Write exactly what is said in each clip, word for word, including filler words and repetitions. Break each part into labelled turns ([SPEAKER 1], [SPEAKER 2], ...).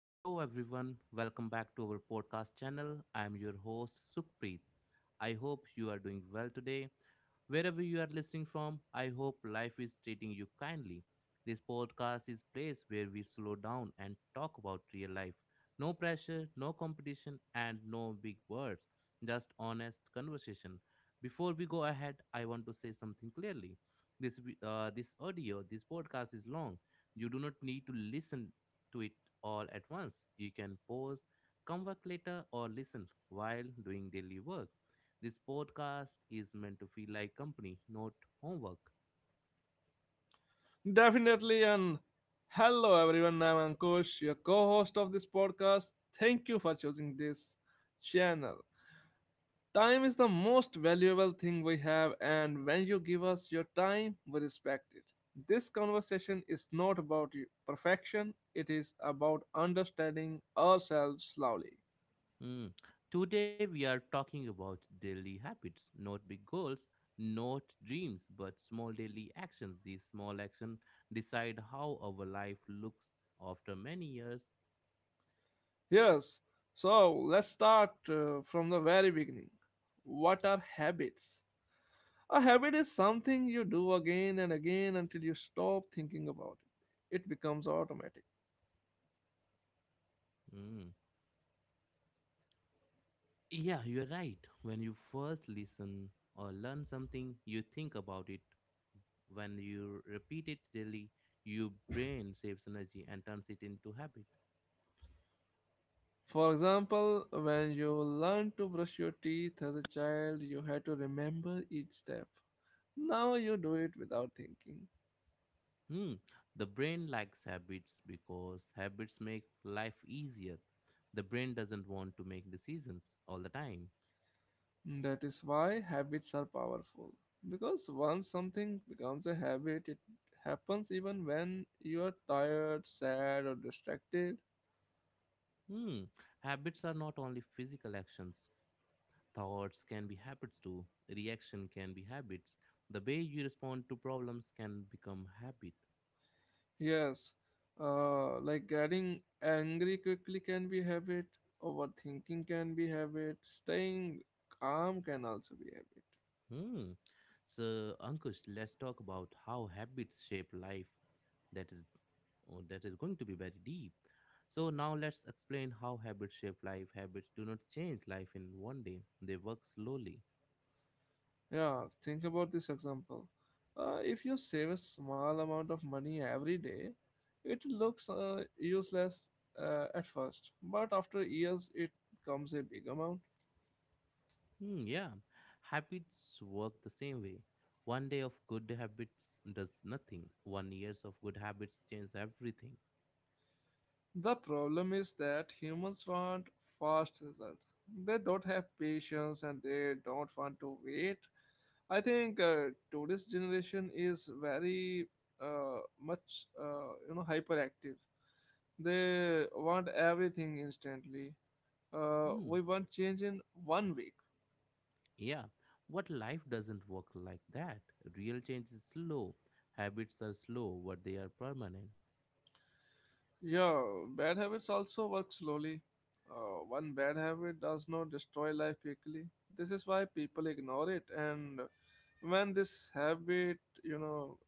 [SPEAKER 1] Hello, everyone. Welcome back to our podcast channel. I am your host, Sukhpreet. I hope you are doing well today. Wherever you are listening from, I hope life is treating you kindly. This podcast is place where we slow down and talk about real life. No pressure, no competition, and no big words, just honest conversation. Before we go ahead, I want to say something clearly. This vi- uh, this audio, this podcast is long. You do not need to listen to it all at once. You can pause, come back later, or listen while doing daily work. This podcast is meant to feel like company, not homework.
[SPEAKER 2] Definitely, and hello everyone. I'm Ankush, your co host of this podcast. Thank you for choosing this channel. Time is the most valuable thing we have, and when you give us your time, we respect it. This conversation is not about you- perfection, it is about understanding ourselves slowly.
[SPEAKER 1] Mm. Today, we are talking about daily habits, not big goals, not dreams, but small daily actions. These small actions decide how our life looks after many years.
[SPEAKER 2] Yes, so let's start uh, from the very beginning. What are habits? A habit is something you do again and again until you stop thinking about it. It becomes automatic.
[SPEAKER 1] Mm. Yeah, you're right. When you first listen or learn something, you think about it When you repeat it daily, your brain saves energy and turns it into habit.
[SPEAKER 2] For example, when you learned to brush your teeth as a child, you had to remember each step. Now you do it without thinking.
[SPEAKER 1] Hmm. The brain likes habits because habits make life easier. The brain doesn't want to make decisions all the time.
[SPEAKER 2] That is why habits are powerful. Because once something becomes a habit, it happens even when you are tired, sad, or distracted.
[SPEAKER 1] Hmm. Habits are not only physical actions. Thoughts can be habits too. Reaction can be habits. The way you respond to problems can become habit.
[SPEAKER 2] Yes, uh, like getting angry quickly can be habit, overthinking can be habit, staying calm can also be habit.
[SPEAKER 1] Hmm. So, Ankush, let's talk about how habits shape life. That is, oh, that is going to be very deep. So now let's explain how habits shape life. Habits do not change life in one day. They work slowly.
[SPEAKER 2] Yeah, think about this example. Uh, if you save a small amount of money every day, it looks uh, useless uh, at first, but after years, it becomes a big amount.
[SPEAKER 1] Hmm, yeah, habits work the same way. One day of good habits does nothing. One years of good habits change everything.
[SPEAKER 2] The problem is that humans want fast results. They don't have patience and they don't want to wait. I think uh, today's generation is very uh, much uh, you know hyperactive. They want everything instantly. Uh,
[SPEAKER 1] Hmm,
[SPEAKER 2] we want change in one week.
[SPEAKER 1] yeah, What life doesn't work like that. Real change is slow. Habits are slow, but they are permanent.
[SPEAKER 2] Yeah, bad habits also work slowly. Uh, one bad habit does not destroy life quickly. This is why people ignore it. And when this habit, you know,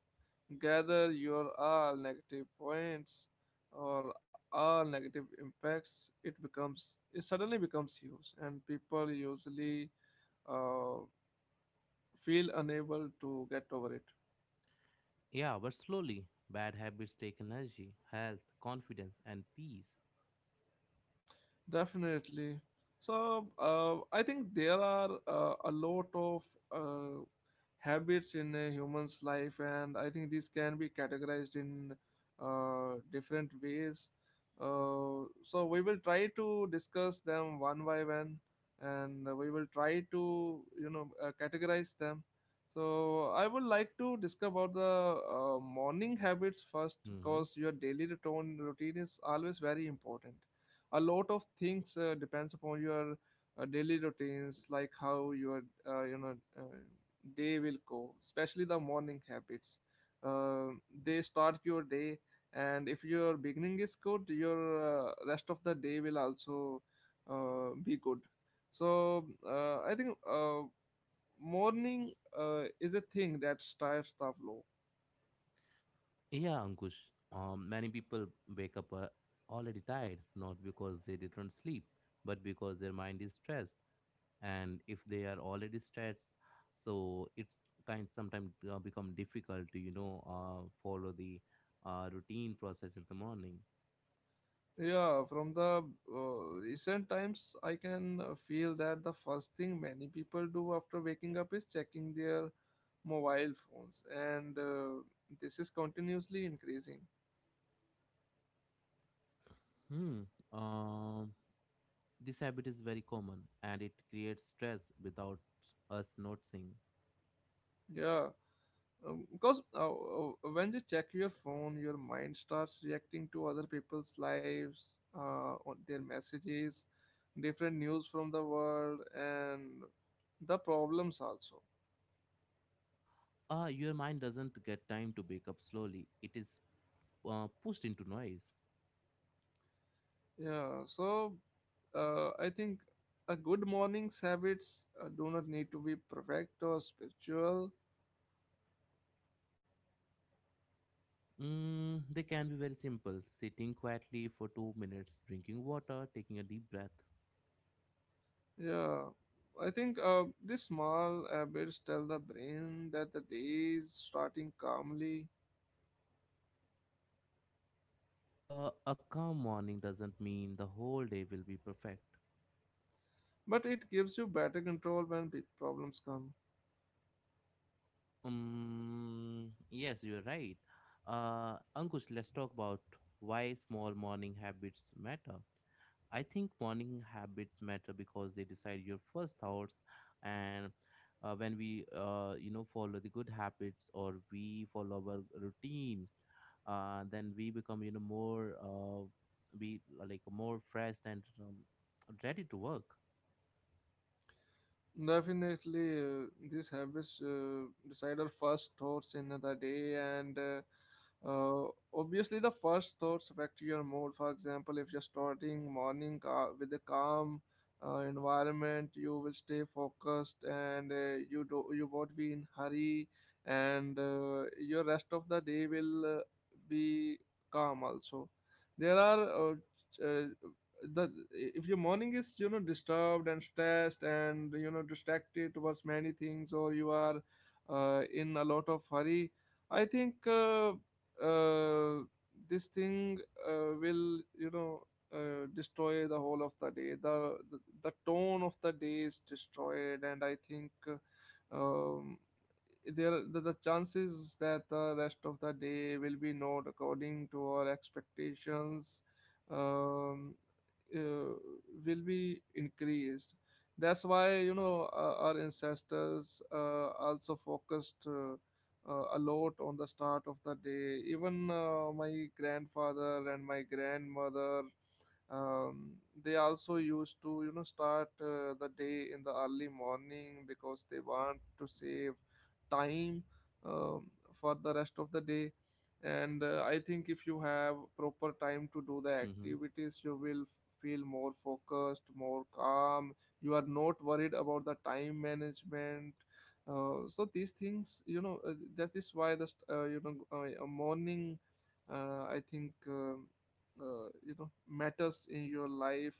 [SPEAKER 2] gather your all negative points or all negative impacts, it becomes it suddenly becomes huge, and people usually uh, feel unable to get over it.
[SPEAKER 1] Yeah, but slowly, bad habits take energy, health, confidence, and peace.
[SPEAKER 2] Definitely. So uh, I think there are uh, a lot of uh, habits in a human's life, and I think these can be categorized in uh, different ways, uh, so we will try to discuss them one by one, and we will try to you know uh, categorize them. So I would like to discuss about the uh, morning habits first,
[SPEAKER 1] Hmm.
[SPEAKER 2] because your daily routine routine is always very important. A lot of things uh, depends upon your uh, daily routines, like how your uh, you know uh, they will go, especially the morning habits. Uh, they start your day, and if your beginning is good, your uh, rest of the day will also uh, be good. So uh, I think uh, morning uh, is a thing that starts the flow.
[SPEAKER 1] Yeah, Ankush. Um, many people wake up uh, already tired, not because they didn't sleep, but because their mind is stressed. And if they are already stressed, so it's kind sometimes uh, become difficult to you know uh, follow the uh, routine process in the morning.
[SPEAKER 2] Yeah, from the uh, recent times, I can uh, feel that the first thing many people do after waking up is checking their mobile phones, and uh, this is continuously increasing.
[SPEAKER 1] Hmm. Um, this habit is very common, and it creates stress without us noticing.
[SPEAKER 2] Yeah, um, because uh, uh, when you check your phone, your mind starts reacting to other people's lives, uh, on their messages, different news from the world, and the problems also.
[SPEAKER 1] Ah, your mind doesn't get time to wake up slowly. It is uh, pushed into noise.
[SPEAKER 2] Yeah, so uh, I think a good morning's habits uh, do not need to be perfect or spiritual.
[SPEAKER 1] Mm, they can be very simple sitting quietly for two minutes, drinking water, taking a deep breath.
[SPEAKER 2] Yeah, I think uh, these small habits tell the brain that the day is starting calmly,
[SPEAKER 1] Uh, a calm morning doesn't mean the whole day will be perfect.
[SPEAKER 2] but it gives you better control when big problems come.
[SPEAKER 1] Um, yes, you are right. Uh, Ankush, let's talk about why small morning habits matter. I think morning habits matter because they decide your first thoughts and uh, when we uh, you know follow the good habits or we follow our routine uh, then we become you know more uh, we like more fresh and um, ready to work.
[SPEAKER 2] Definitely, uh, these habits uh, decide our first thoughts in the day, and uh, uh, obviously, the first thoughts affect your mood. For example, if you're starting morning ca- with a calm uh, environment, you will stay focused, and uh, you do you won't be in hurry, and uh, your rest of the day will uh, be calm also. There are uh, ch- uh, the if your morning is you know disturbed and stressed and you know distracted towards many things, or you are uh, in a lot of hurry, I think uh, uh, this thing uh, will you know uh, destroy the whole of the day. The, the the tone of the day is destroyed, and I think uh, um, there the, the chances that the rest of the day will be not according to our expectations um, uh, will be increased. That's why you know uh, our ancestors uh, also focused uh, uh, a lot on the start of the day. Even uh, my grandfather and my grandmother um, they also used to you know start uh, the day in the early morning, because they want to save time um, for the rest of the day. And uh, I think if you have proper time to do the
[SPEAKER 1] Mm-hmm.
[SPEAKER 2] activities, you will f- feel more focused, more calm. You are not worried about the time management. Uh, so these things you know uh, that is why the st- uh, you know uh, morning, uh, I think um, uh, you know, matters in your life.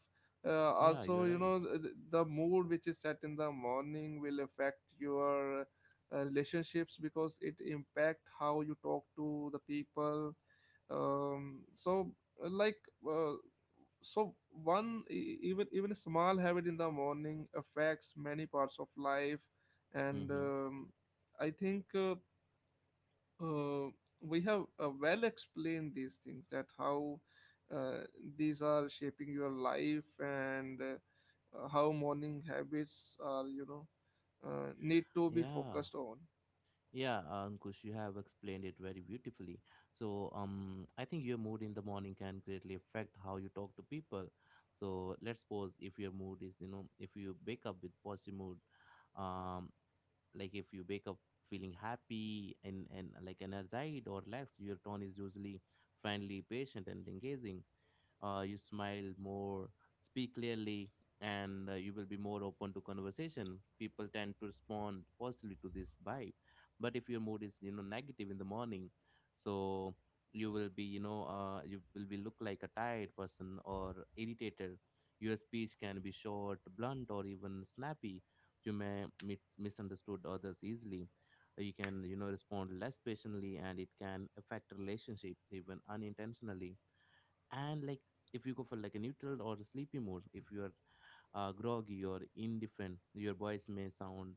[SPEAKER 2] uh,
[SPEAKER 1] Yeah, you're
[SPEAKER 2] Also you
[SPEAKER 1] right.
[SPEAKER 2] know the, the mood which is set in the morning will affect your uh, relationships, because it impact how you talk to the people. Um, so uh, like uh, so one e- even even a small habit in the morning affects many parts of life, and
[SPEAKER 1] Mm-hmm.
[SPEAKER 2] um, I think uh, uh, we have uh, well explained these things, that how uh, these are shaping your life, and uh, how morning habits are you know uh, need to be
[SPEAKER 1] Yeah.
[SPEAKER 2] focused on.
[SPEAKER 1] Yeah, uh, Ankush, you have explained it very beautifully. So, um, I think your mood in the morning can greatly affect how you talk to people. So, let's suppose if your mood is, you know, if you wake up with positive mood, um, like if you wake up feeling happy and and like energized or relaxed, your tone is usually friendly, patient, and engaging. Uh, you smile more, speak clearly, and uh, you will be more open to conversation. People tend to respond positively to this vibe. But if your mood is, you know, negative in the morning, so you will be, you know, uh, you will be look like a tired person or irritated. Your speech can be short, blunt, or even snappy. You may mit- misunderstood others easily. You can, you know, respond less patiently, and it can affect relationship even unintentionally. And like if you go for like a neutral or a sleepy mode, if you are uh, groggy or indifferent, your voice may sound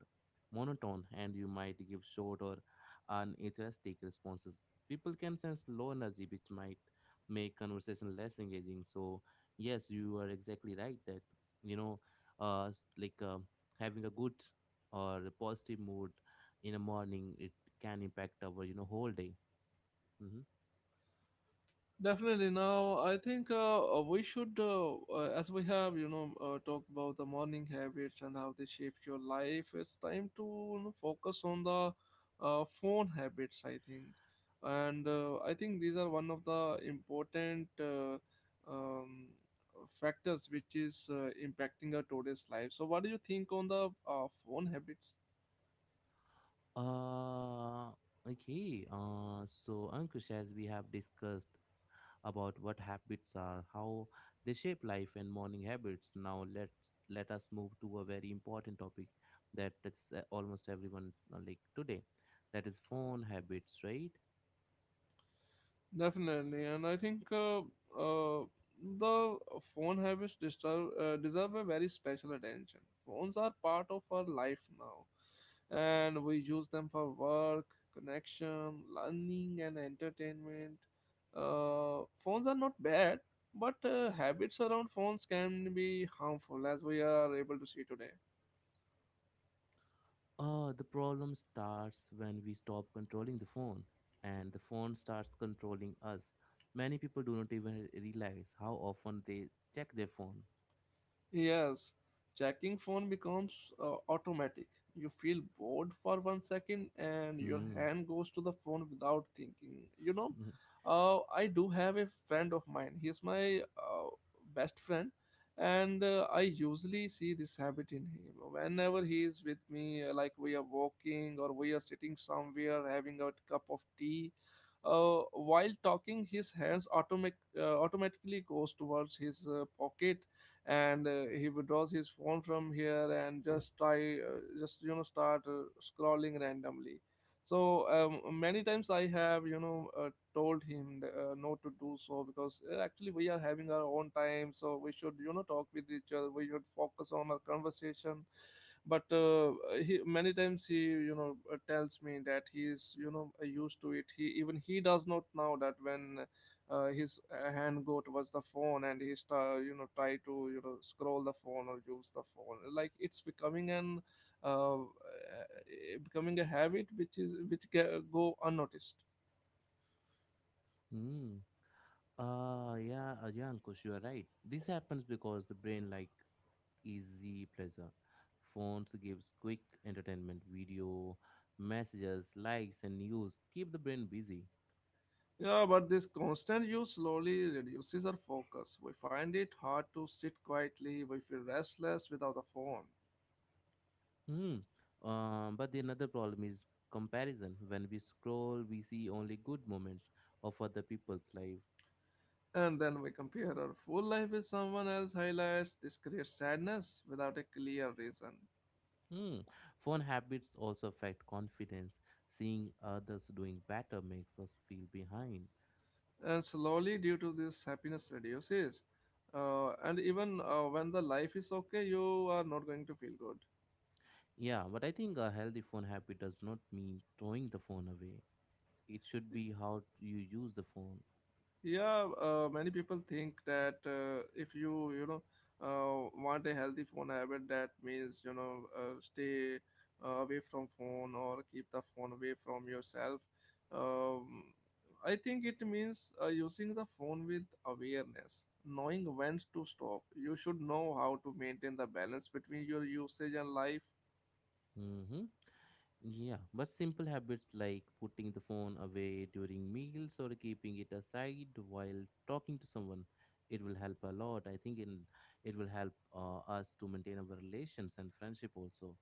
[SPEAKER 1] monotone, and you might give short or unenthusiastic responses. People can sense low energy, which might make conversation less engaging. So, yes, you are exactly right that, you know, uh, s- like uh, having a good or a positive mood in the morning, it can impact our, you know, whole day. Hmm.
[SPEAKER 2] Definitely. Now, I think uh, uh, we should, uh, uh, as we have, you know, uh, talk about the morning habits and how they shape your life. It's time to you know focus on the uh, phone habits, I think. And uh, I think these are one of the important uh, um, factors which is uh, impacting our today's life. So, what do you think on the uh, phone habits?
[SPEAKER 1] Uh, okay. Uh, so, Ankush, as we have discussed, about what habits are, how they shape life and morning habits. Now let let us move to a very important topic that touches uh, almost everyone uh, like today. That is phone habits, right?
[SPEAKER 2] Definitely, and I think uh, uh, the phone habits deserve uh, deserve a very special attention. Phones are part of our life now, and we use them for work, connection, learning, and entertainment. Uh, phones are not bad, but uh, habits around phones can be harmful, as we are able to see today.
[SPEAKER 1] Uh, the problem starts when we stop controlling the phone, and the phone starts controlling us. Many people do not even realize how often they check their phone.
[SPEAKER 2] Yes, checking phone becomes uh, automatic. You feel bored for one second and your
[SPEAKER 1] Hmm.
[SPEAKER 2] hand goes to the phone without thinking. You know, uh, I do have a friend of mine. He's my uh, best friend, and uh, I usually see this habit in him. Whenever he is with me, uh, like we are walking or we are sitting somewhere having a cup of tea, uh, while talking, his hands automatic uh, automatically goes towards his uh, pocket, and uh, he withdraws his phone from here and just try uh, just you know start uh, scrolling randomly. So um, many times I have you know uh, told him uh, not to do so, because uh, actually we are having our own time, so we should you know talk with each other, we should focus on our conversation. But uh, he many times he you know uh, tells me that he is you know uh, used to it. He even he does not know that when uh, his uh, hand go towards the phone and he start, you know, try to you know scroll the phone or use the phone, like it's becoming an uh, uh, becoming a habit which is which ca- go unnoticed.
[SPEAKER 1] Hmm. Hmm. Ah, yeah, uh, yeah, Ankush, you are right. This happens because the brain like easy pleasure. Phones gives quick entertainment, video, messages, likes, and news. Keep the brain busy.
[SPEAKER 2] Yeah, but this constant use slowly reduces our focus. We find it hard to sit quietly, we feel restless without a phone,
[SPEAKER 1] Hmm. Um, but the another problem is comparison. When we scroll, we see only good moments of other people's life.
[SPEAKER 2] and then we compare our full life with someone else's highlights. This creates sadness without a clear reason.
[SPEAKER 1] Hmm. Phone habits also affect confidence. Seeing others doing better makes us feel behind.
[SPEAKER 2] And slowly due to this happiness reduces, uh, and even uh, when the life is okay, you are not going to feel good.
[SPEAKER 1] Yeah, but I think a healthy phone habit does not mean throwing the phone away. It should be how you use the phone.
[SPEAKER 2] Yeah, uh, many people think that uh, if you you know uh, want a healthy phone habit, that means you know uh, stay uh, away from phone, or keep the phone away from yourself. um, I think it means uh, using the phone with awareness, knowing when to stop. You should know how to maintain the balance between your usage and life.
[SPEAKER 1] Hmm. Yeah, but simple habits like putting the phone away during meals or keeping it aside while talking to someone, it will help a lot. I think in, it will help uh, us to maintain our relations and friendship also.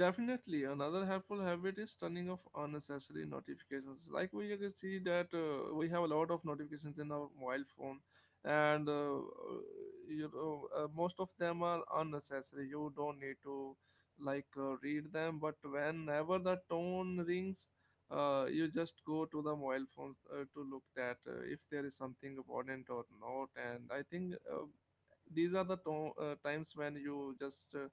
[SPEAKER 2] Definitely, another helpful habit is turning off unnecessary notifications. Like we can see that uh, we have a lot of notifications in our mobile phone, and uh, you know uh, most of them are unnecessary. You don't need to like uh, read them, but whenever the tone rings, uh, you just go to the mobile phones uh, to look that uh, if there is something important or not. And I think uh, these are the to- uh, times when you just uh,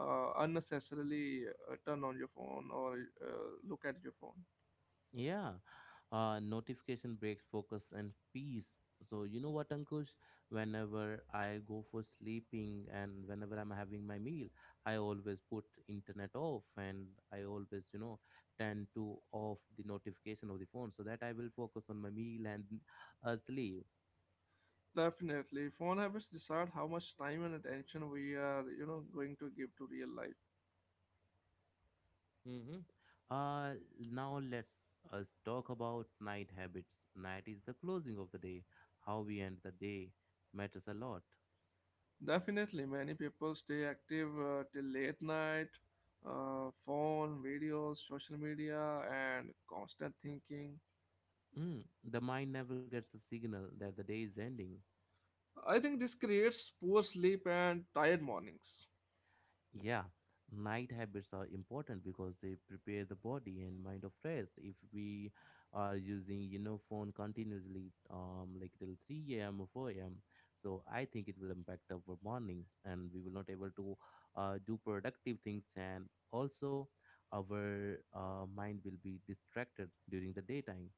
[SPEAKER 2] uh, unnecessarily uh, turn on your phone or uh, look at your phone.
[SPEAKER 1] Yeah, uh, notification breaks focus and peace. So you know what, Ankush? Whenever I go for sleeping and whenever I'm having my meal, I always put internet off and I always, you know, tend to off the notification of the phone so that I will focus on my meal and uh, sleep.
[SPEAKER 2] Definitely, phone habits decide how much time and attention we are you know going to give to real life.
[SPEAKER 1] Mm-hmm. Uh, now let's us talk about night habits. Night is the closing of the day. How we end the day matters a lot.
[SPEAKER 2] Definitely, many people stay active uh, till late night: uh, phone, videos, social media, and constant thinking.
[SPEAKER 1] Mm, the mind never gets the signal that the day is ending.
[SPEAKER 2] I think this creates poor sleep and tired mornings.
[SPEAKER 1] Yeah, night habits are important because they prepare the body and mind of rest. If we are using, you know, phone continuously, um, like till three a m or four a m, so I think it will impact our morning, and we will not able to uh, do productive things, and also our uh, mind will be distracted during the daytime.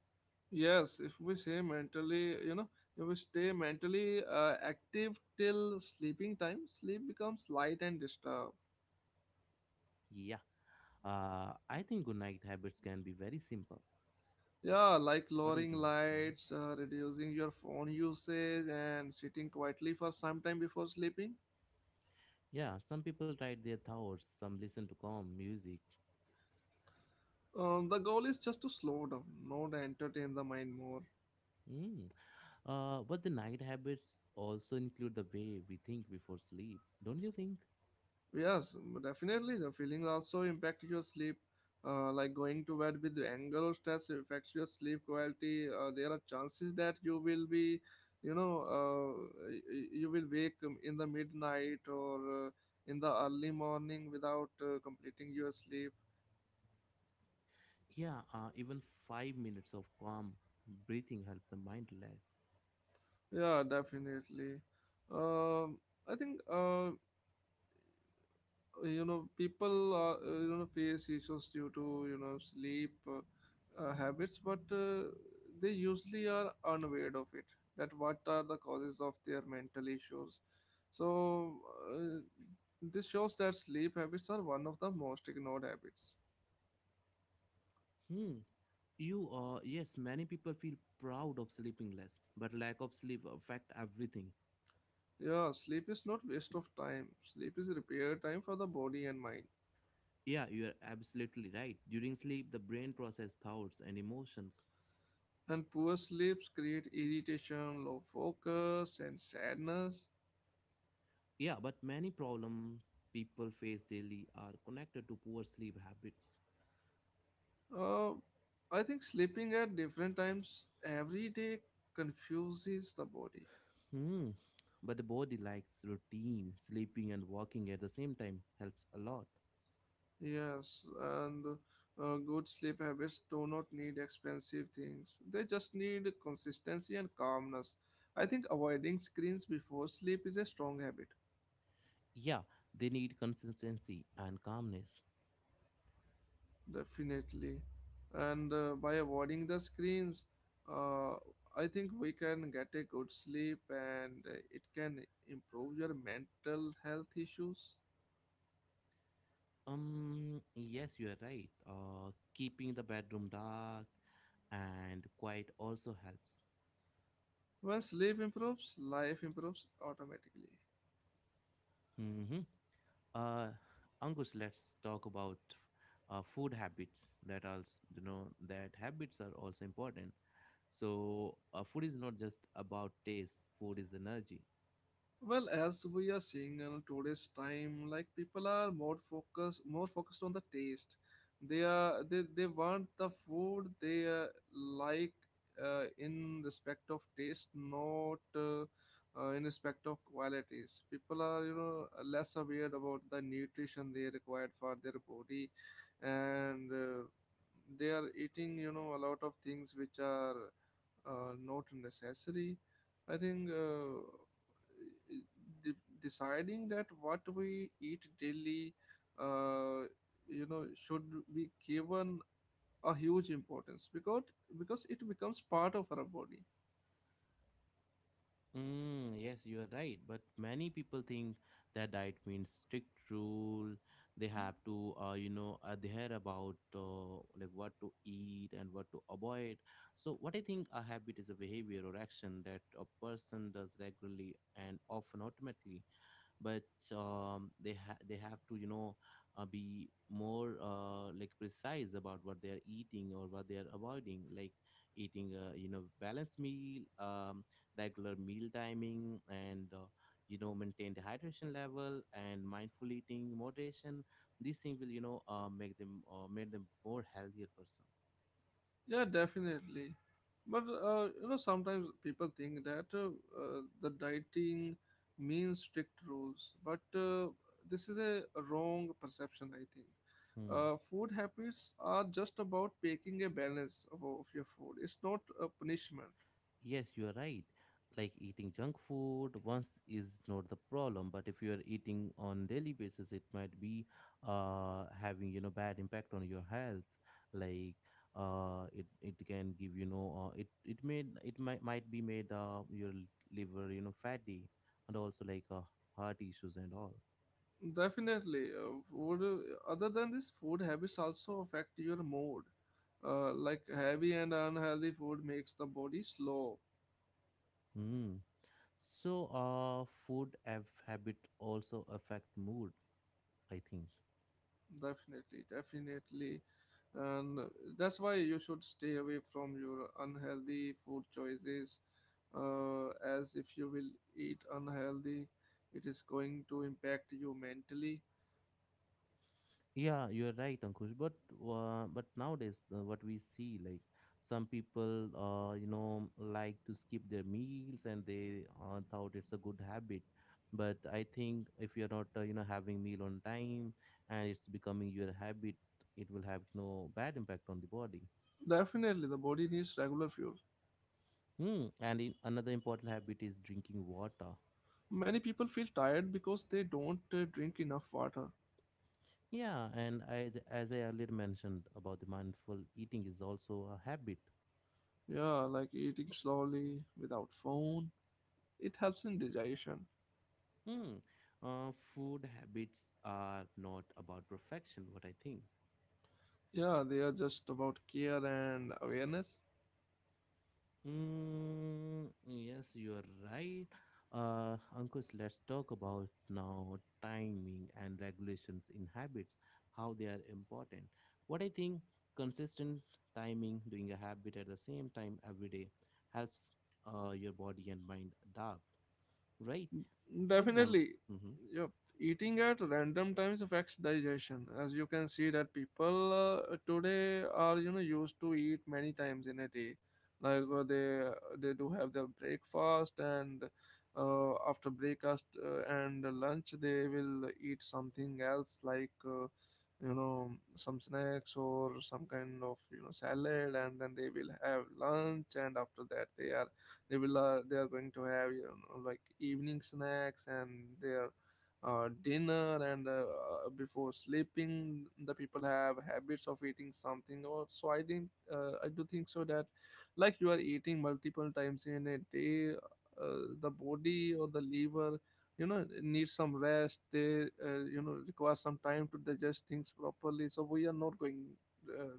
[SPEAKER 2] Yes, if we say mentally, you know, if we stay mentally uh, active till sleeping time, sleep becomes light and disturbed.
[SPEAKER 1] Yeah, uh, I think good night habits can be very simple.
[SPEAKER 2] Yeah, like
[SPEAKER 1] What do you
[SPEAKER 2] lowering
[SPEAKER 1] think? Mm-hmm.
[SPEAKER 2] lights, uh, reducing your phone usage, and sitting quietly for some time before sleeping.
[SPEAKER 1] Yeah, some people write their thoughts, some listen to calm music.
[SPEAKER 2] Um, the goal is just to slow down, not entertain the mind more.
[SPEAKER 1] Mm. Uh, but the night habits also include the way we think before sleep, don't you think?
[SPEAKER 2] Yes, but definitely the feelings also impact your sleep. Uh, like going to bed with anger or stress affects your sleep quality. Uh, there are chances that you will be, you know, uh, y- y- you will wake um, in the midnight, or uh, in the early morning without uh, completing your sleep.
[SPEAKER 1] Yeah, uh, even five minutes of calm breathing helps the mind relax.
[SPEAKER 2] Yeah, definitely. Um, I think. Uh, uh, you know People uh, you know face issues due to, you know sleep uh, uh, habits, but uh, they usually are unaware of it, that what are the causes of their mental issues. So uh, this shows that sleep habits are one of the most ignored habits.
[SPEAKER 1] Hmm. You uh, yes, many people feel proud of sleeping less, but lack of sleep affect everything.
[SPEAKER 2] Yeah, sleep is not waste of time. Sleep is repair time for the body and mind.
[SPEAKER 1] Yeah, you are absolutely right. During sleep, the brain process thoughts and emotions.
[SPEAKER 2] And poor sleeps create irritation, low focus, and sadness.
[SPEAKER 1] Yeah, but many problems people face daily are connected to poor sleep habits.
[SPEAKER 2] Uh, I think sleeping at different times every day confuses the body.
[SPEAKER 1] Hmm. But the body likes routine. Sleeping and walking at the same time helps a lot.
[SPEAKER 2] Yes, and uh, good sleep habits do not need expensive things. They just need consistency and calmness. I think avoiding screens before sleep is a strong habit,
[SPEAKER 1] Yeah, they need consistency and calmness.
[SPEAKER 2] definitely. And uh, by avoiding the screens, uh, I think we can get a good sleep, and uh, it can improve your mental health issues.
[SPEAKER 1] Um, yes, you are right. Uh, keeping the bedroom dark and quiet also helps.
[SPEAKER 2] When sleep improves, life improves automatically.
[SPEAKER 1] Hmm. Uh, Ankush, let's talk about uh, food habits. That also, you know, that habits are also important. So, uh, food is not just about taste. Food is energy.
[SPEAKER 2] Well, as we are seeing in today's time, like, people are more focused, more focused on the taste. They are they, they want the food they, uh, like, uh, in respect of taste, not uh, uh, in respect of qualities. People are, you know less aware about the nutrition they required for their body, and uh, they are eating, you know a lot of things which are uh, not necessary. I think. Uh, de- Deciding that what we eat daily, uh, you know should be given a huge importance, because because it becomes part of our body.
[SPEAKER 1] Mm, yes, you are right. But many people think that diet means strict rule. They have to, uh, you know, adhere about uh, like what to eat and what to avoid. So, what I think a habit is a behavior or action that a person does regularly and often automatically, but um, they ha- they have to, you know, uh, be more uh, like precise about what they are eating or what they are avoiding, like eating a, you know, balanced meal, um, regular meal timing, and uh, you know, maintain the hydration level and mindful eating moderation. These things will, you know, uh, make them uh, make them more healthier person.
[SPEAKER 2] Yeah, definitely, but uh, you know sometimes people think that, uh, uh, the dieting means strict rules, but uh, this is a wrong perception, I think. Uh, food habits are just about taking a balance of of your food. It's not a punishment.
[SPEAKER 1] Yes, you are right. Like eating junk food once is not the problem, but if you are eating on daily basis, it might be uh having, you know, bad impact on your health. Like uh, it it can give, you know, uh, it it made it might might be made uh your l- liver, you know, fatty, and also like uh, heart issues and all.
[SPEAKER 2] Definitely. Uh, food, other than this, food habits also affect your mood. Uh, like heavy and unhealthy food makes the body slow.
[SPEAKER 1] Mm. So uh, food have habit also affect mood. I think.
[SPEAKER 2] Definitely, definitely. And that's why you should stay away from your unhealthy food choices. Uh, as if you will eat unhealthy, it is going to impact you mentally.
[SPEAKER 1] Yeah, you're right, Ankush. But uh, but nowadays, uh, what we see, like some people, uh, you know, like to skip their meals, and they uh, thought it's a good habit. But I think if you're not, uh, you know, having meal on time, and it's becoming your habit, it will have, you know, bad impact on the body.
[SPEAKER 2] Definitely, the body needs regular fuel.
[SPEAKER 1] Hmm. And in, another important habit is drinking water.
[SPEAKER 2] Many people feel tired because they don't uh, drink enough water.
[SPEAKER 1] Yeah, and I, as I earlier mentioned about the mindful eating is also a habit.
[SPEAKER 2] Yeah, like eating slowly without phone. It helps in digestion.
[SPEAKER 1] Hmm. Uh, food habits are not about perfection, what I think.
[SPEAKER 2] Yeah, they are just about care and awareness.
[SPEAKER 1] Mm, yes, you are right. Uh, Ankush, let's talk about now timing and regulations in habits, how they are important. What I think consistent timing, doing a habit at the same time every day, helps uh, your body and mind adapt, right? For example,
[SPEAKER 2] Definitely.
[SPEAKER 1] mm-hmm.
[SPEAKER 2] Yep. Eating at random times affects digestion. As you can see that people, uh, today, are, you know used to eat many times in a day. Like, uh, they they do have their breakfast, and uh, after breakfast, uh, and lunch they will eat something else, like, uh, you know some snacks, or some kind of, you know salad, and then they will have lunch, and after that they are they will uh, they are going to have, you know like evening snacks, and their uh, dinner, and uh, uh, before sleeping the people have habits of eating something or so. I think uh, i do think so that, like, you are eating multiple times in a day. Uh, the body or the liver, you know needs some rest. They uh, you know require some time to digest things properly, so we are not going uh,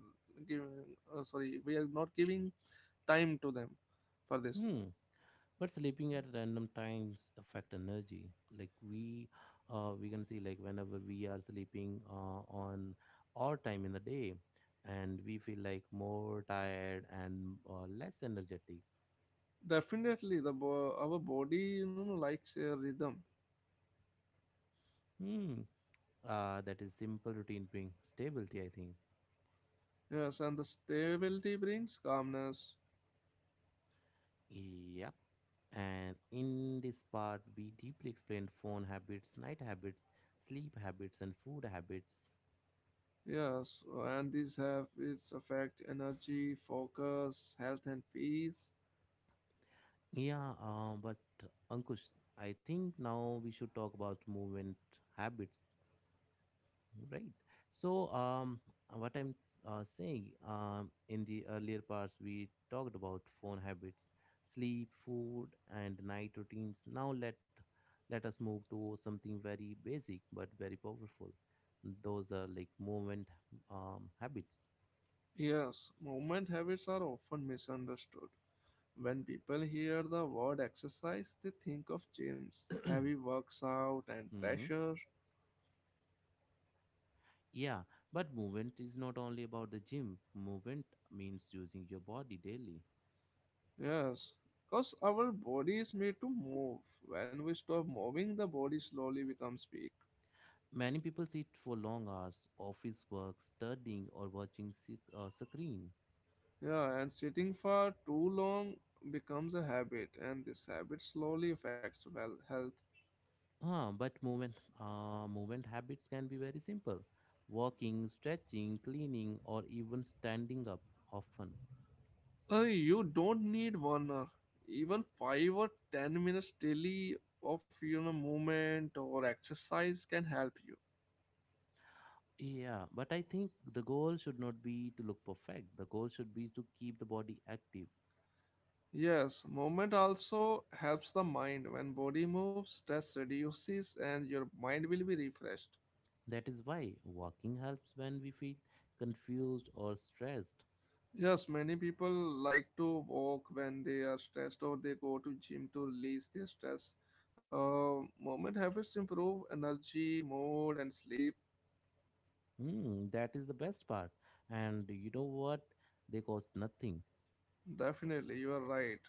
[SPEAKER 2] giving uh, sorry we are not giving time to them for this.
[SPEAKER 1] Hmm. but sleeping at random times affect energy like we uh, we can see like whenever we are sleeping uh, on our time in the day and we feel like more tired and uh, less energetic
[SPEAKER 2] Definitely, the bo- our body, you know likes a rhythm.
[SPEAKER 1] hmm uh, that is simple routine bring stability I think.
[SPEAKER 2] Yes, and the stability brings calmness.
[SPEAKER 1] Yep, and in this part we deeply explained phone habits, night habits, sleep habits and food habits.
[SPEAKER 2] Yes, and these habits affect energy, focus, health, and peace.
[SPEAKER 1] Yeah, uh, but Ankush, I think now we should talk about movement habits, right? So, um, what I'm uh, saying, um, in the earlier parts, we talked about phone habits, sleep, food, and night routines. Now let let us move to something very basic but very powerful. Those are like movement um, habits.
[SPEAKER 2] Yes, movement habits are often misunderstood. When people hear the word exercise, they think of gyms, heavy works out, and
[SPEAKER 1] Mhm.
[SPEAKER 2] pressure.
[SPEAKER 1] Yeah, but movement is not only about the gym. Movement means using your body daily.
[SPEAKER 2] Yes, because our body is made to move. When we stop moving, the body slowly becomes weak.
[SPEAKER 1] Many people sit for long hours, office work, studying, or watching s- uh, screen.
[SPEAKER 2] Yeah, and sitting for too long becomes a habit, and this habit slowly affects well health.
[SPEAKER 1] Huh, but movement, uh, movement habits can be very simple: walking, stretching, cleaning, or even standing up often.
[SPEAKER 2] Uh, you don't need one hour, even five or ten minutes daily of, you know movement or exercise can help you.
[SPEAKER 1] Yeah, but I think the goal should not be to look perfect. The goal should be to keep the body active.
[SPEAKER 2] Yes, movement also helps the mind. When body moves, stress reduces, and your mind will be refreshed.
[SPEAKER 1] That is why walking helps when we feel confused or stressed.
[SPEAKER 2] Yes, many people like to walk when they are stressed, or they go to gym to release their stress. Uh, movement habits improve energy, mood, and sleep.
[SPEAKER 1] Mm, that is the best part. And you know what? They cost nothing.
[SPEAKER 2] Definitely, you are right.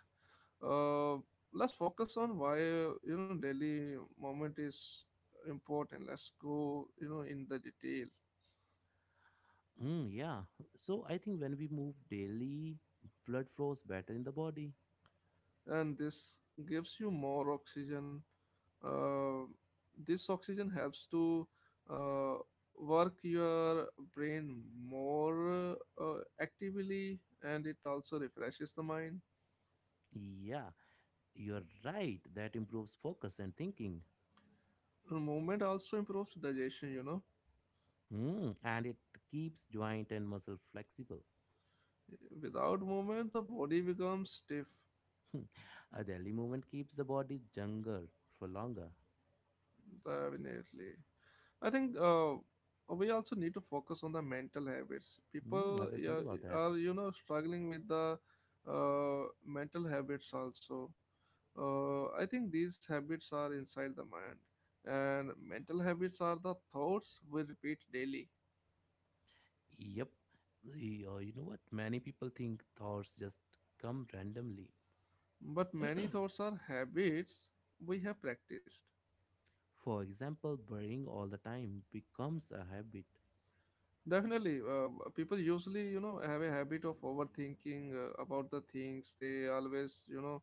[SPEAKER 2] Uh, let's focus on why, you know daily movement is important. Let's go, you know in the detail.
[SPEAKER 1] Mm, yeah. So I think when we move daily, blood flows better in the body.
[SPEAKER 2] And this gives you more oxygen. Uh, this oxygen helps to uh, work your brain more, uh, actively, and it also refreshes the mind.
[SPEAKER 1] Yeah, you're right. That improves focus and thinking.
[SPEAKER 2] Movement also improves digestion, you know.
[SPEAKER 1] Hmm, and it keeps joint and muscle flexible.
[SPEAKER 2] Without movement, the body becomes stiff.
[SPEAKER 1] Hmm. A daily movement keeps the body younger for longer.
[SPEAKER 2] Definitely. I think uh, we also need to focus on the mental habits.
[SPEAKER 1] Hmm, I
[SPEAKER 2] People,
[SPEAKER 1] was
[SPEAKER 2] yeah,
[SPEAKER 1] thinking about that.
[SPEAKER 2] are, you know, struggling with the uh, mental habits also. Uh, I think these habits are inside the mind, and mental habits are the thoughts we repeat daily.
[SPEAKER 1] Yep. Y- uh, You know what? Many people think thoughts just come randomly.
[SPEAKER 2] But many thoughts are habits we have practiced.
[SPEAKER 1] For example, burning all the time becomes a habit.
[SPEAKER 2] Definitely, uh, people usually, you know, have a habit of overthinking uh, about the things. They always, you know,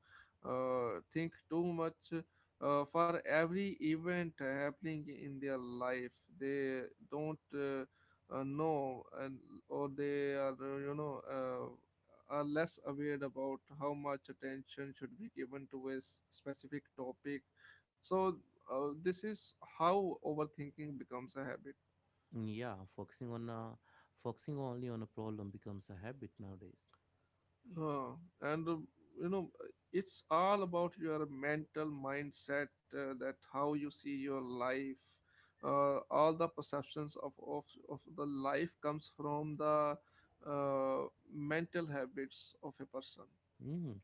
[SPEAKER 2] uh, think too much uh, for every event happening in their life. They don't, uh, uh, know, and or they are, uh, you know, uh, are less aware about how much attention should be given to a s- specific topic. So, uh, this is how overthinking becomes a habit.
[SPEAKER 1] Yeah, focusing on a, focusing only on a problem becomes a habit nowadays.
[SPEAKER 2] Uh, and, uh, you know, it's all about your mental mindset, uh, that how you see your life. Uh, all the perceptions of, of of the life comes from the uh, mental habits of a person.
[SPEAKER 1] Mm.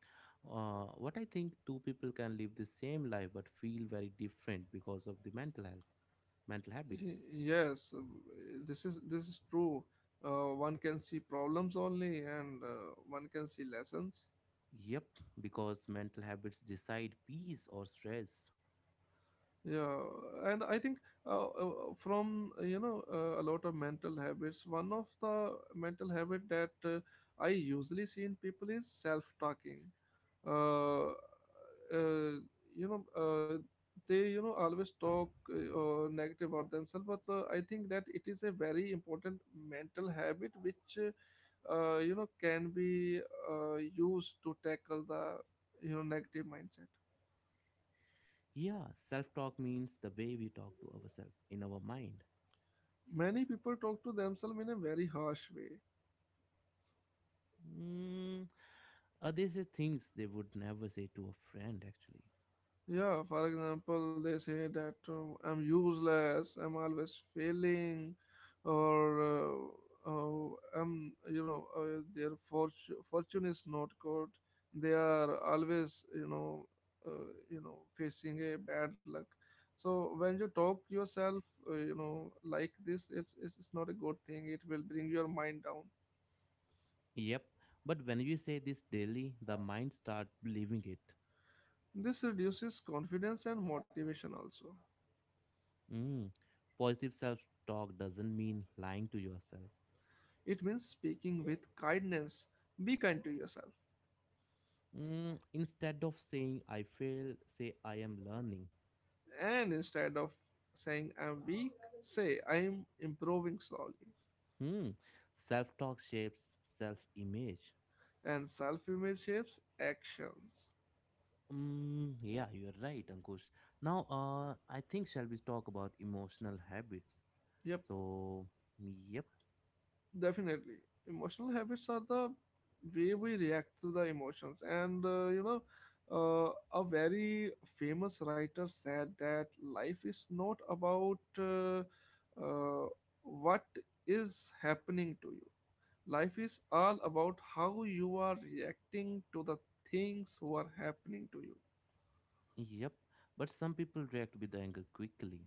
[SPEAKER 1] Uh, what I think two people can live the same life but feel very different because of the mental health, mental habits.
[SPEAKER 2] Y- Yes, uh, this is this is true. Uh, one can see problems only, and uh, one can see lessons.
[SPEAKER 1] Yep, because mental habits decide peace or stress.
[SPEAKER 2] Yeah, and I think, uh, uh, from, uh, you know uh, a lot of mental habits, one of the mental habit that uh, I usually see in people is self talking. uh, uh, you know uh, they, you know always talk, uh, uh, negative about themselves, but uh, I think that it is a very important mental habit which, uh, uh, you know can be uh, used to tackle the, you know negative mindset.
[SPEAKER 1] Yeah, self talk means the way we talk to ourselves in our mind.
[SPEAKER 2] Many people talk to themselves in a very harsh way.
[SPEAKER 1] Mm. Uh, these are things they would never say to a friend actually.
[SPEAKER 2] Yeah, for example, they say that, uh, I'm useless, I'm always failing, or uh, oh, I'm, you know, uh, their fortune, fortune is not good. They are always, you know, uh, you know, facing a bad luck. So when you talk yourself, uh, you know, like this, it's, it's it's not a good thing. It will bring your mind down.
[SPEAKER 1] Yep, but when you say this daily, the mind starts believing it.
[SPEAKER 2] This reduces confidence and motivation also.
[SPEAKER 1] Mm. Positive self talk doesn't mean lying to yourself.
[SPEAKER 2] It means speaking with kindness. Be kind to yourself.
[SPEAKER 1] Mm. Instead of saying I failed, say I am learning.
[SPEAKER 2] And instead of saying I'm weak, say I'm improving slowly.
[SPEAKER 1] Hmm. Self talk shapes self image.
[SPEAKER 2] And self image shapes actions.
[SPEAKER 1] Mm, yeah, you're right, Ankush. Now, uh, I think shall we talk about emotional habits?
[SPEAKER 2] Yep,
[SPEAKER 1] So, yep,
[SPEAKER 2] definitely. Emotional habits are the way we react to the emotions. And, uh, you know, uh, a very famous writer said that life is not about, uh, uh, what is happening to you. Life is all about how you are reacting to the things who are happening to you.
[SPEAKER 1] yep. But some people react with anger quickly.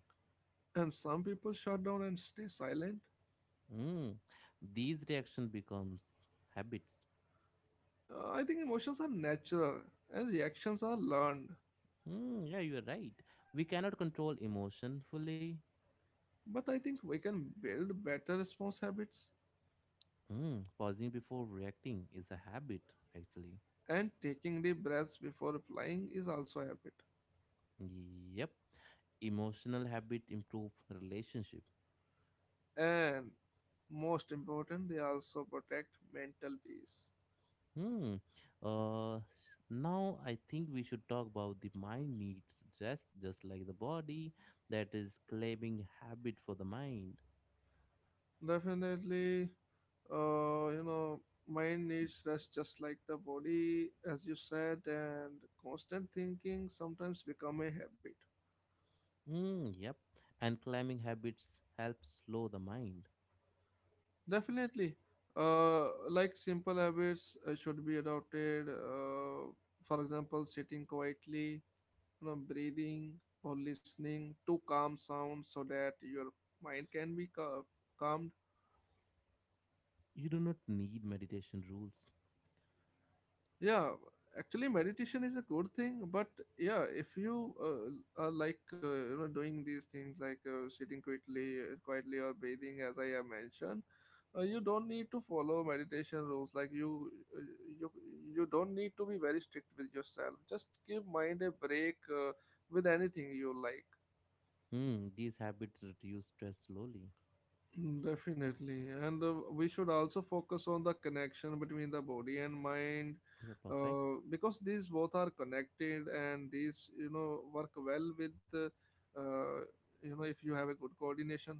[SPEAKER 2] And some people shut down and stay silent.
[SPEAKER 1] Mm, these reaction becomes habits.
[SPEAKER 2] Uh, I think emotions are natural and reactions are learned.
[SPEAKER 1] Mm, yeah, you are right. We cannot control emotion fully.
[SPEAKER 2] But I think we can build better response habits.
[SPEAKER 1] Mm, pausing before reacting is a habit, actually.
[SPEAKER 2] And taking deep breaths before replying is also a habit.
[SPEAKER 1] Yep, emotional habit improve relationship.
[SPEAKER 2] And most important, they also protect mental peace.
[SPEAKER 1] Hmm. Uh, Now I think we should talk about the mind needs rest, just like the body, that is claiming habit for the mind.
[SPEAKER 2] Definitely, uh, you know mind needs rest just like the body, as you said, and constant thinking sometimes become a habit.
[SPEAKER 1] Hmm. Yep, and claiming habits help slow the mind.
[SPEAKER 2] Definitely, uh, like simple habits, uh, should be adopted, uh, for example sitting quietly, you know breathing, or listening to calm sounds so that your mind can be cal- calmed.
[SPEAKER 1] You do not need meditation rules.
[SPEAKER 2] Yeah, actually meditation is a good thing, but yeah, if you uh, are, like, uh, you know doing these things, like, uh, sitting quietly uh, quietly or breathing as I have mentioned, uh, you don't need to follow meditation rules, like you, uh, you you don't need to be very strict with yourself. Just give mind a break uh, with anything you like.
[SPEAKER 1] Hmm, these habits reduce stress slowly.
[SPEAKER 2] Mm, definitely, and uh, we should also focus on the connection between the body and mind,
[SPEAKER 1] You're perfect.
[SPEAKER 2] uh, because these both are connected, and these, you know work well with, uh, uh, you know, if you have a good coordination.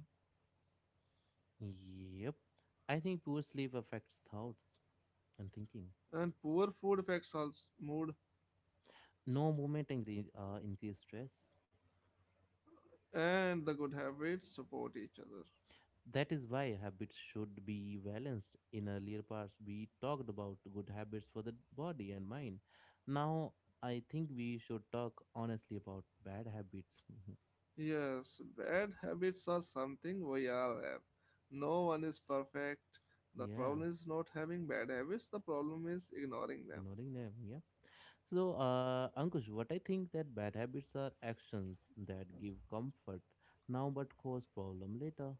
[SPEAKER 1] Yep. I think poor sleep affects thoughts and thinking.
[SPEAKER 2] And poor food affects also mood,
[SPEAKER 1] No movement incre- uh, increase stress.
[SPEAKER 2] and the good habits support each other.
[SPEAKER 1] That is why habits should be balanced. In earlier parts, we talked about good habits for the body and mind. Now, I think we should talk honestly about bad habits.
[SPEAKER 2] Yes, bad habits are something we all have. No one is perfect. The
[SPEAKER 1] Yeah,
[SPEAKER 2] problem is not having bad habits. The problem is ignoring them.
[SPEAKER 1] ignoring them. Yeah. So, uh, Ankush, what I think that bad habits are actions that give comfort now but cause problem later.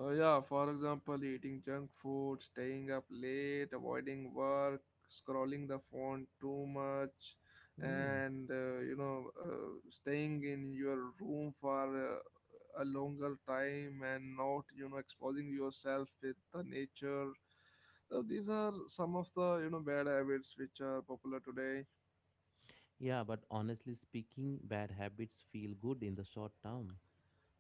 [SPEAKER 2] Uh, yeah, for example, eating junk food, staying up late, avoiding work, scrolling the phone too much,
[SPEAKER 1] Hmm.
[SPEAKER 2] and uh, you know, uh, staying in your room for uh, a longer time, and not, you know, exposing yourself with the nature. Uh, these are some of the, you know bad habits which are popular today.
[SPEAKER 1] Yeah, but honestly speaking, bad habits feel good in the short term,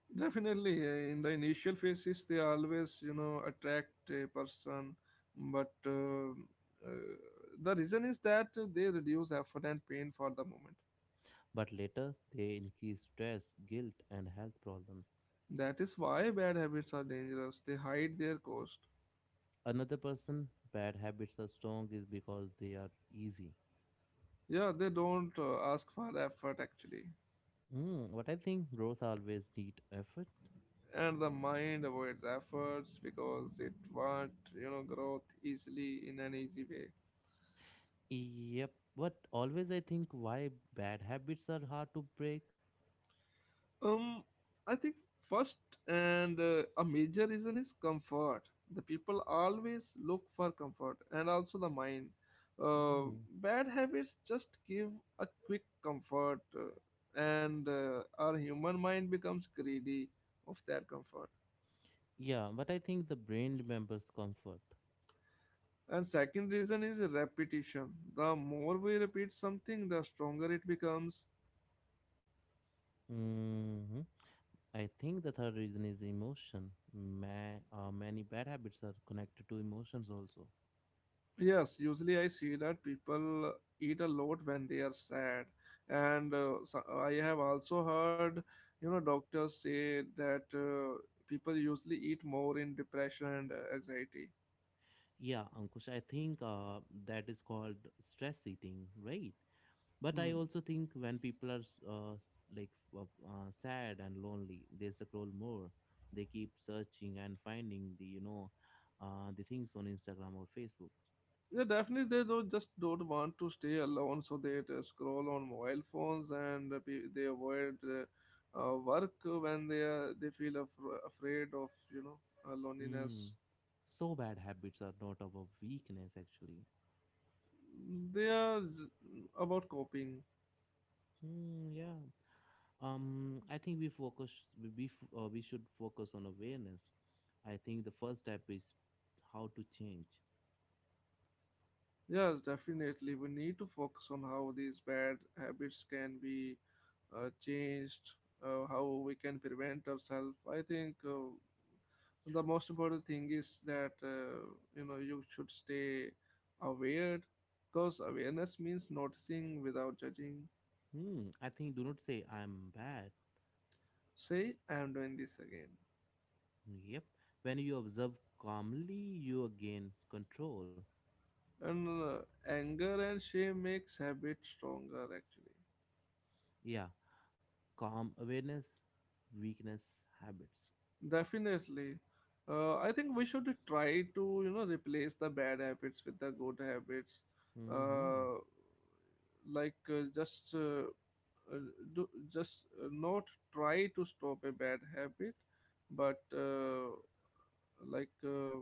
[SPEAKER 2] Definitely, uh, in the initial phases, they always, you know, attract a person, but uh, uh, the reason is that they reduce effort and pain for the moment.
[SPEAKER 1] but later they increase stress, guilt, and health problems.
[SPEAKER 2] That is why bad habits are dangerous. They hide their cost.
[SPEAKER 1] Another person, bad habits are strong is because they are easy.
[SPEAKER 2] Yeah, they don't uh, ask for effort actually,
[SPEAKER 1] Hmm. What I think, growth always need effort.
[SPEAKER 2] and the mind avoids efforts because it wants, you know, growth easily in an easy way.
[SPEAKER 1] Yep. But always I think why bad habits are hard to break.
[SPEAKER 2] Um, I think first and uh, a major reason is comfort. The people always look for comfort, and also the mind. Uh,
[SPEAKER 1] Hmm.
[SPEAKER 2] bad habits just give a quick comfort, uh, and uh, our human mind becomes greedy of that comfort.
[SPEAKER 1] Yeah, but I think the brain remembers comfort.
[SPEAKER 2] And second reason is repetition. The more we repeat something, the stronger it becomes.
[SPEAKER 1] Hmm, I think the third reason is emotion. Ma- uh, many bad habits are connected to emotions also.
[SPEAKER 2] Yes, usually I see that people eat a lot when they are sad, and uh, so I have also heard, you know, doctors say that uh, people usually eat more in depression and uh, anxiety.
[SPEAKER 1] Yeah, Ankush, I think uh, that is called stress eating, right? But I
[SPEAKER 2] Hmm.
[SPEAKER 1] also think when people are s- uh, s- like uh, uh, sad and lonely, they scroll more. They keep searching and finding the you know uh, the things on Instagram or Facebook.
[SPEAKER 2] Yeah, definitely they don't just don't want to stay alone, so they uh, scroll on mobile phones and uh, pe- they avoid uh, uh, work when they are they feel af- afraid of, you know uh,
[SPEAKER 1] Mm.
[SPEAKER 2] loneliness.
[SPEAKER 1] So bad habits are not our weakness actually.
[SPEAKER 2] They are j- about coping.
[SPEAKER 1] Hmm, yeah. Um, I think we focus. We we, f- uh, we should focus on awareness. I think the first step is how to change.
[SPEAKER 2] Yes, definitely. We need to focus on how these bad habits can be uh, changed, uh, how we can prevent ourselves. I think uh, the most important thing is that uh, you know you should stay aware, because awareness means noticing without judging.
[SPEAKER 1] Hmm. I think do not say I'm bad.
[SPEAKER 2] Say, I am doing this again,
[SPEAKER 1] Yep. When you observe calmly, you gain control.
[SPEAKER 2] and uh, anger and shame makes habit stronger actually.
[SPEAKER 1] Yeah. Calm awareness, weakness, habits.
[SPEAKER 2] Definitely. Uh, I think we should try to, you know, replace the bad habits with the good habits.
[SPEAKER 1] Mm-hmm.
[SPEAKER 2] Uh, like uh, just uh, uh, do, just uh, not try to stop a bad habit, but uh, like uh,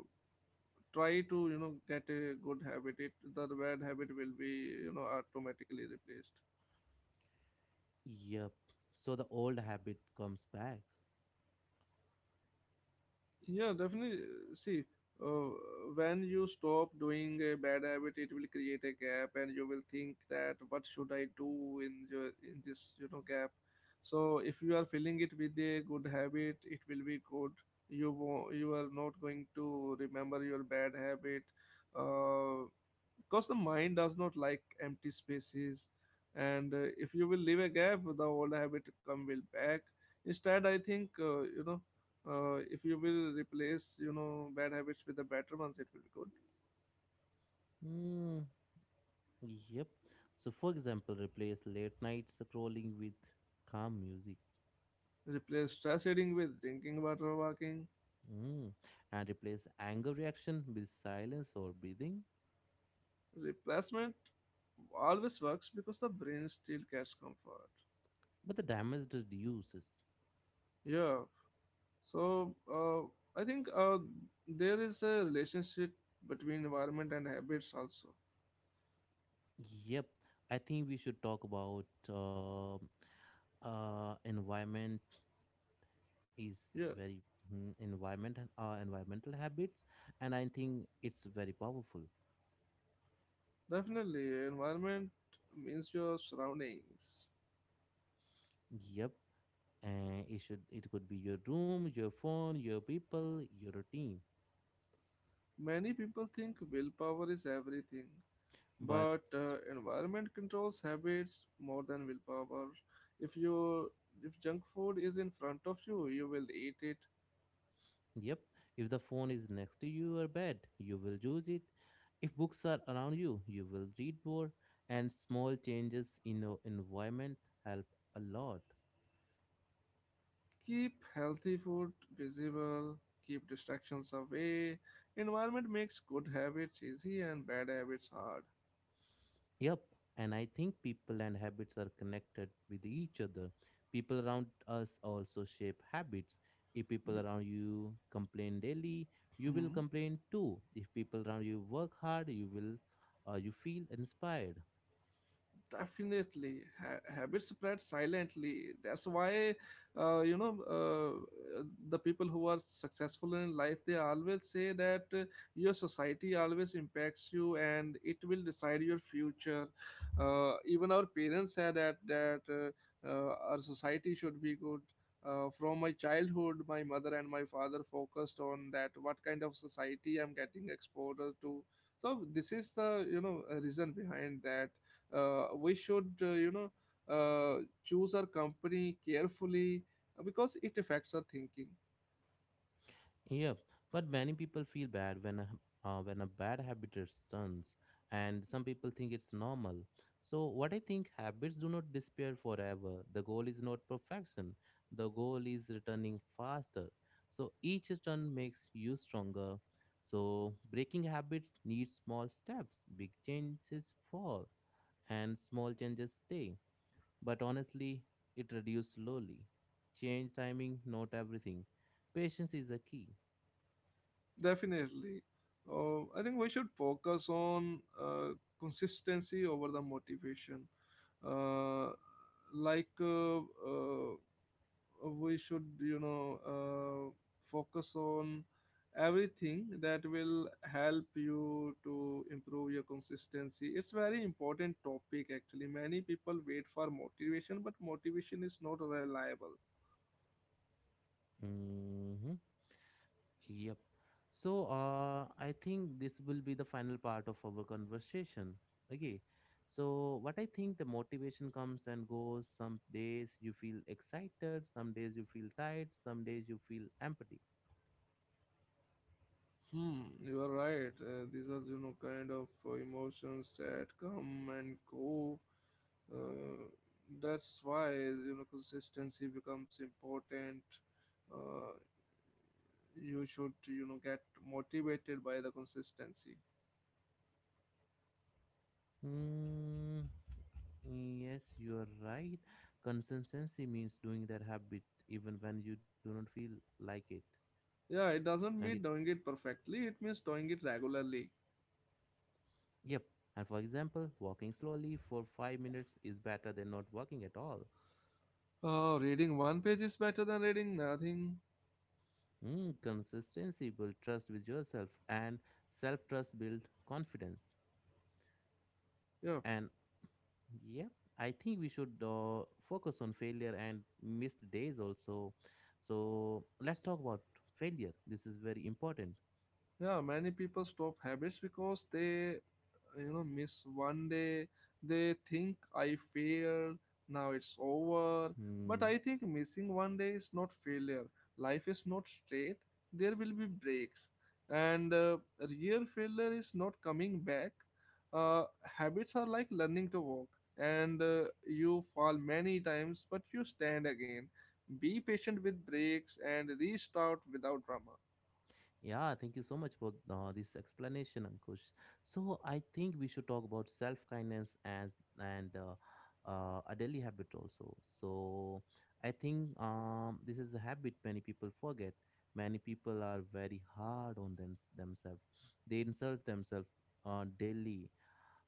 [SPEAKER 2] try to, you know, get a good habit. It The bad habit will be, you know, automatically replaced.
[SPEAKER 1] Yep. So the old habit comes back.
[SPEAKER 2] Yeah, definitely. See, uh, when you stop doing a bad habit, it will create a gap, and you will think that what should I do in your in this you know gap. So if you are filling it with a good habit, it will be good. You wo- you are not going to remember your bad habit. Uh, because the mind does not like empty spaces, and uh, if you will leave a gap, the old habit come will back. Instead, I think uh, you know uh, if you will replace, you know bad habits with the better ones, it will be good.
[SPEAKER 1] Mm, yep. So for example, replace late night scrolling with calm music.
[SPEAKER 2] Replace stress eating with drinking water, walking.
[SPEAKER 1] Mm. And replace anger reaction with silence or breathing,
[SPEAKER 2] Replacement always works because the brain still gets comfort.
[SPEAKER 1] but the damage reduces.
[SPEAKER 2] Yeah, so uh, I think uh, there is a relationship between environment and habits also.
[SPEAKER 1] Yep, I think we should talk about uh, uh, environment is
[SPEAKER 2] Yeah.
[SPEAKER 1] very, mm, environment and uh, environmental habits, and I think it's very powerful.
[SPEAKER 2] Definitely, environment means your surroundings.
[SPEAKER 1] Yep, and it should it could be your room, your phone, your people, your routine,
[SPEAKER 2] Many people think willpower is everything,
[SPEAKER 1] but
[SPEAKER 2] but uh, environment controls habits more than willpower. If you if junk food is in front of you, you will eat it.
[SPEAKER 1] yep, if the phone is next to your bed, you will use it. If books are around you, you will read more, and small changes in your environment help a lot.
[SPEAKER 2] Keep healthy food visible, keep distractions away. Environment makes good habits easy and bad habits hard.
[SPEAKER 1] Yep, and I think people and habits are connected with each other. People around us also shape habits. If people
[SPEAKER 2] D-
[SPEAKER 1] around you complain daily, you will
[SPEAKER 2] Hmm.
[SPEAKER 1] complain too. If people around you work hard, you will uh, you feel inspired.
[SPEAKER 2] definitely ha- habits spread silently. That's why uh, you know uh, the people who are successful in life, they always say that uh, your society always impacts you and it will decide your future. Uh, even our parents said that that uh, uh, our society should be good. Uh, from my childhood, my mother and my father focused on that what kind of society I'm getting exposed to. So this is the you know uh, reason behind that uh, we should, uh, you know uh, choose our company carefully, uh, because it affects our thinking.
[SPEAKER 1] Yep, but many people feel bad when a, uh, when a bad habit returns, and some people think it's normal. So, what I think habits do not disappear forever. The goal is not perfection, the goal is returning faster. So, each return makes you stronger. So, breaking habits needs small steps, big changes fall, and small changes stay. But honestly, it reduces slowly. Change timing, not everything. Patience is a key.
[SPEAKER 2] Definitely uh, I think we should focus on uh, consistency over the motivation, uh, like, uh, uh, we should, you know uh, focus on everything that will help you to improve your consistency. It's very important topic actually. Many people wait for motivation, but motivation is not reliable.
[SPEAKER 1] Mm-hmm. Yep. So, uh, I think this will be the final part of our conversation. Okay. So, what I think the motivation comes and goes. Some days you feel excited, some days you feel tired, some days you feel empty.
[SPEAKER 2] Hmm, you are right. Uh, these are, you know kind of uh, emotions that come and go. Uh, that's why, you know consistency becomes important. uh, you should, you know get motivated by the consistency.
[SPEAKER 1] Mm, yes, you are right. Consistency means doing that habit even when you do not feel like it.
[SPEAKER 2] Yeah, it doesn't
[SPEAKER 1] And it,
[SPEAKER 2] mean doing it perfectly, it means doing it regularly.
[SPEAKER 1] yep. And for example, walking slowly for five minutes is better than not walking at all.
[SPEAKER 2] Oh, reading one page is better than reading nothing.
[SPEAKER 1] Mm, consistency builds trust with yourself, and self trust builds confidence.
[SPEAKER 2] Yeah.
[SPEAKER 1] And yep, I think we should uh, focus on failure and missed days also. So let's talk about failure. This is very important.
[SPEAKER 2] Yeah, many people stop habits because they, you know miss one day. They think, I failed, now it's over. But
[SPEAKER 1] Hmm.
[SPEAKER 2] I think missing one day is not failure. Life is not straight. There will be breaks, and uh, real failure is not coming back. uh, Habits are like learning to walk, and uh, you fall many times but you stand again. Be patient with breaks and restart without drama.
[SPEAKER 1] Yeah, thank you so much for uh, this explanation, Ankush. So I think we should talk about self kindness and and uh, uh, a daily habit also. So I think um, this is a habit many people forget. Many people are very hard on them themselves. They insult themselves uh, daily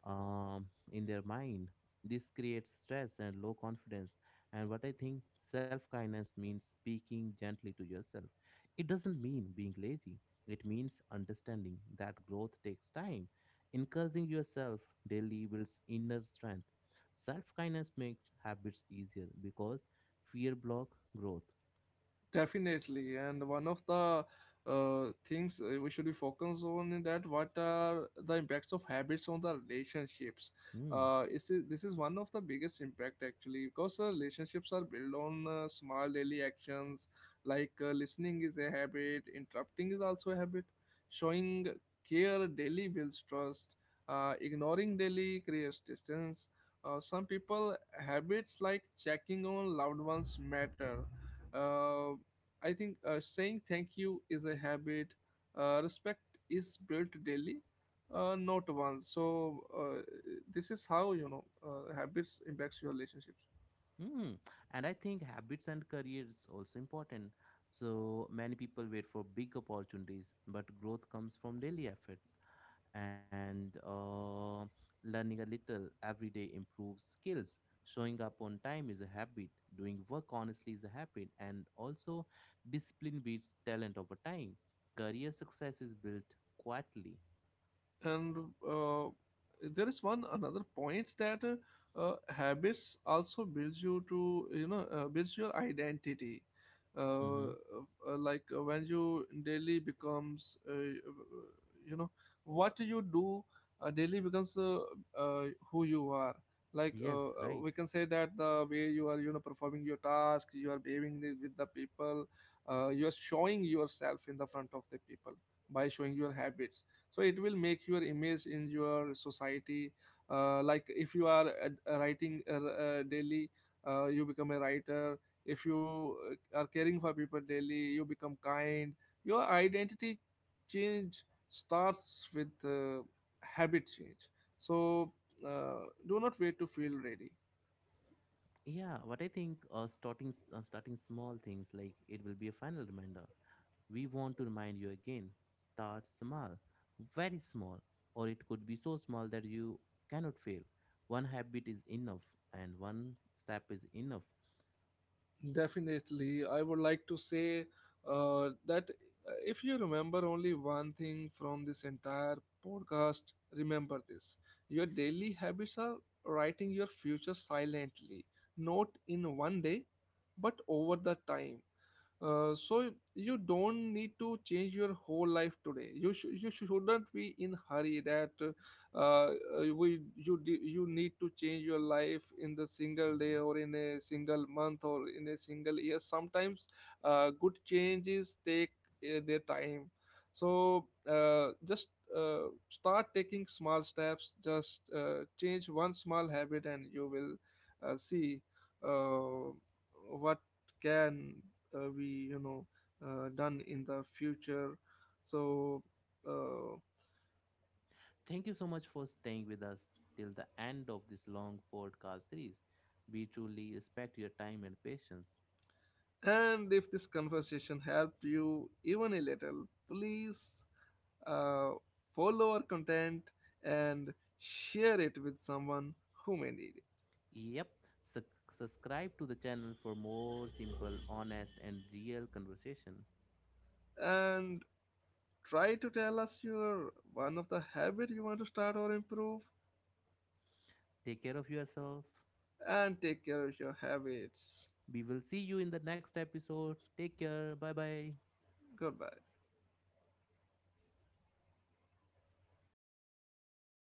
[SPEAKER 1] um, in their mind. This creates stress and low confidence. And what I think self kindness means speaking gently to yourself. It doesn't mean being lazy, it means understanding that growth takes time. Encouraging yourself daily builds inner strength. Self kindness makes habits easier because fear block growth.
[SPEAKER 2] Definitely, and one of the uh, things uh, we should be focused on is that what are the impacts of habits on the relationships.
[SPEAKER 1] Hmm.
[SPEAKER 2] Uh, this is this is one of the biggest impact actually, because uh, relationships are built on uh, small daily actions, like uh, listening is a habit, interrupting is also a habit, showing care daily builds trust, uh, ignoring daily creates distance. Uh, some people habits like checking on loved ones matter. uh, I think uh, saying thank you is a habit. Uh, respect is built daily, uh, not once. So uh, this is how, you know uh, habits impacts your relationships.
[SPEAKER 1] Mm. And I think habits and career is also important. So many people wait for big opportunities, but growth comes from daily efforts and uh, learning a little every day improves skills. Showing up on time is a habit. Doing work honestly is a habit, and also discipline beats talent over time. Career success is built quietly.
[SPEAKER 2] And uh, there is one another point that uh, uh, habits also builds you to you know uh, builds your identity, uh,
[SPEAKER 1] Mm-hmm.
[SPEAKER 2] uh, like uh, when you daily becomes, uh, you know what you do uh, daily becomes uh, uh, who you are, like uh, uh,
[SPEAKER 1] Yes, right.
[SPEAKER 2] we can say that the way you are, you know performing your task, you are behaving the- with the people, uh, you are showing yourself in the front of the people by showing your habits, so it will make your image in your society, uh, like if you are uh, writing uh, uh, daily, uh, you become a writer. If you uh, are caring for people daily, you become kind. Your identity change starts with uh, habit change. So uh, do not wait to feel ready.
[SPEAKER 1] Yeah, what I think uh, starting s- uh, starting small things like it will be a final reminder. We want to remind you again start small, very small, or it could be so small that you cannot fail. One habit is enough, and one step is enough.
[SPEAKER 2] Definitely. I would like to say uh, that uh, if you remember only one thing from this entire podcast, remember this. Your daily habits are writing your future silently, not in one day, but over the time. Uh, so you don't need to change your whole life today. You sh- you shouldn't be in hurry that uh, uh, we you d- you need to change your life in the single day
[SPEAKER 1] Mhm.
[SPEAKER 2] or in a single month or in a single year. Sometimes uh, good changes take uh, their time. So uh, just uh, start taking small steps. Just uh, change one small habit, and you will uh, see uh, what can uh, we, you know uh, done in the future. So uh,
[SPEAKER 1] Thank you so much for staying with us till the end of this long podcast series. We truly respect your time and patience.
[SPEAKER 2] and if this conversation helped you even a little, please uh, follow our content and share it with someone who may need
[SPEAKER 1] Yep, Suc Subscribe to the channel for more simple, honest, and real conversation.
[SPEAKER 2] it, and try to tell us your one of the habit you want to start or improve,
[SPEAKER 1] Take care of yourself.
[SPEAKER 2] and take care of your habits.
[SPEAKER 1] We will see you in the next episode. Take care. Bye bye.
[SPEAKER 2] Goodbye.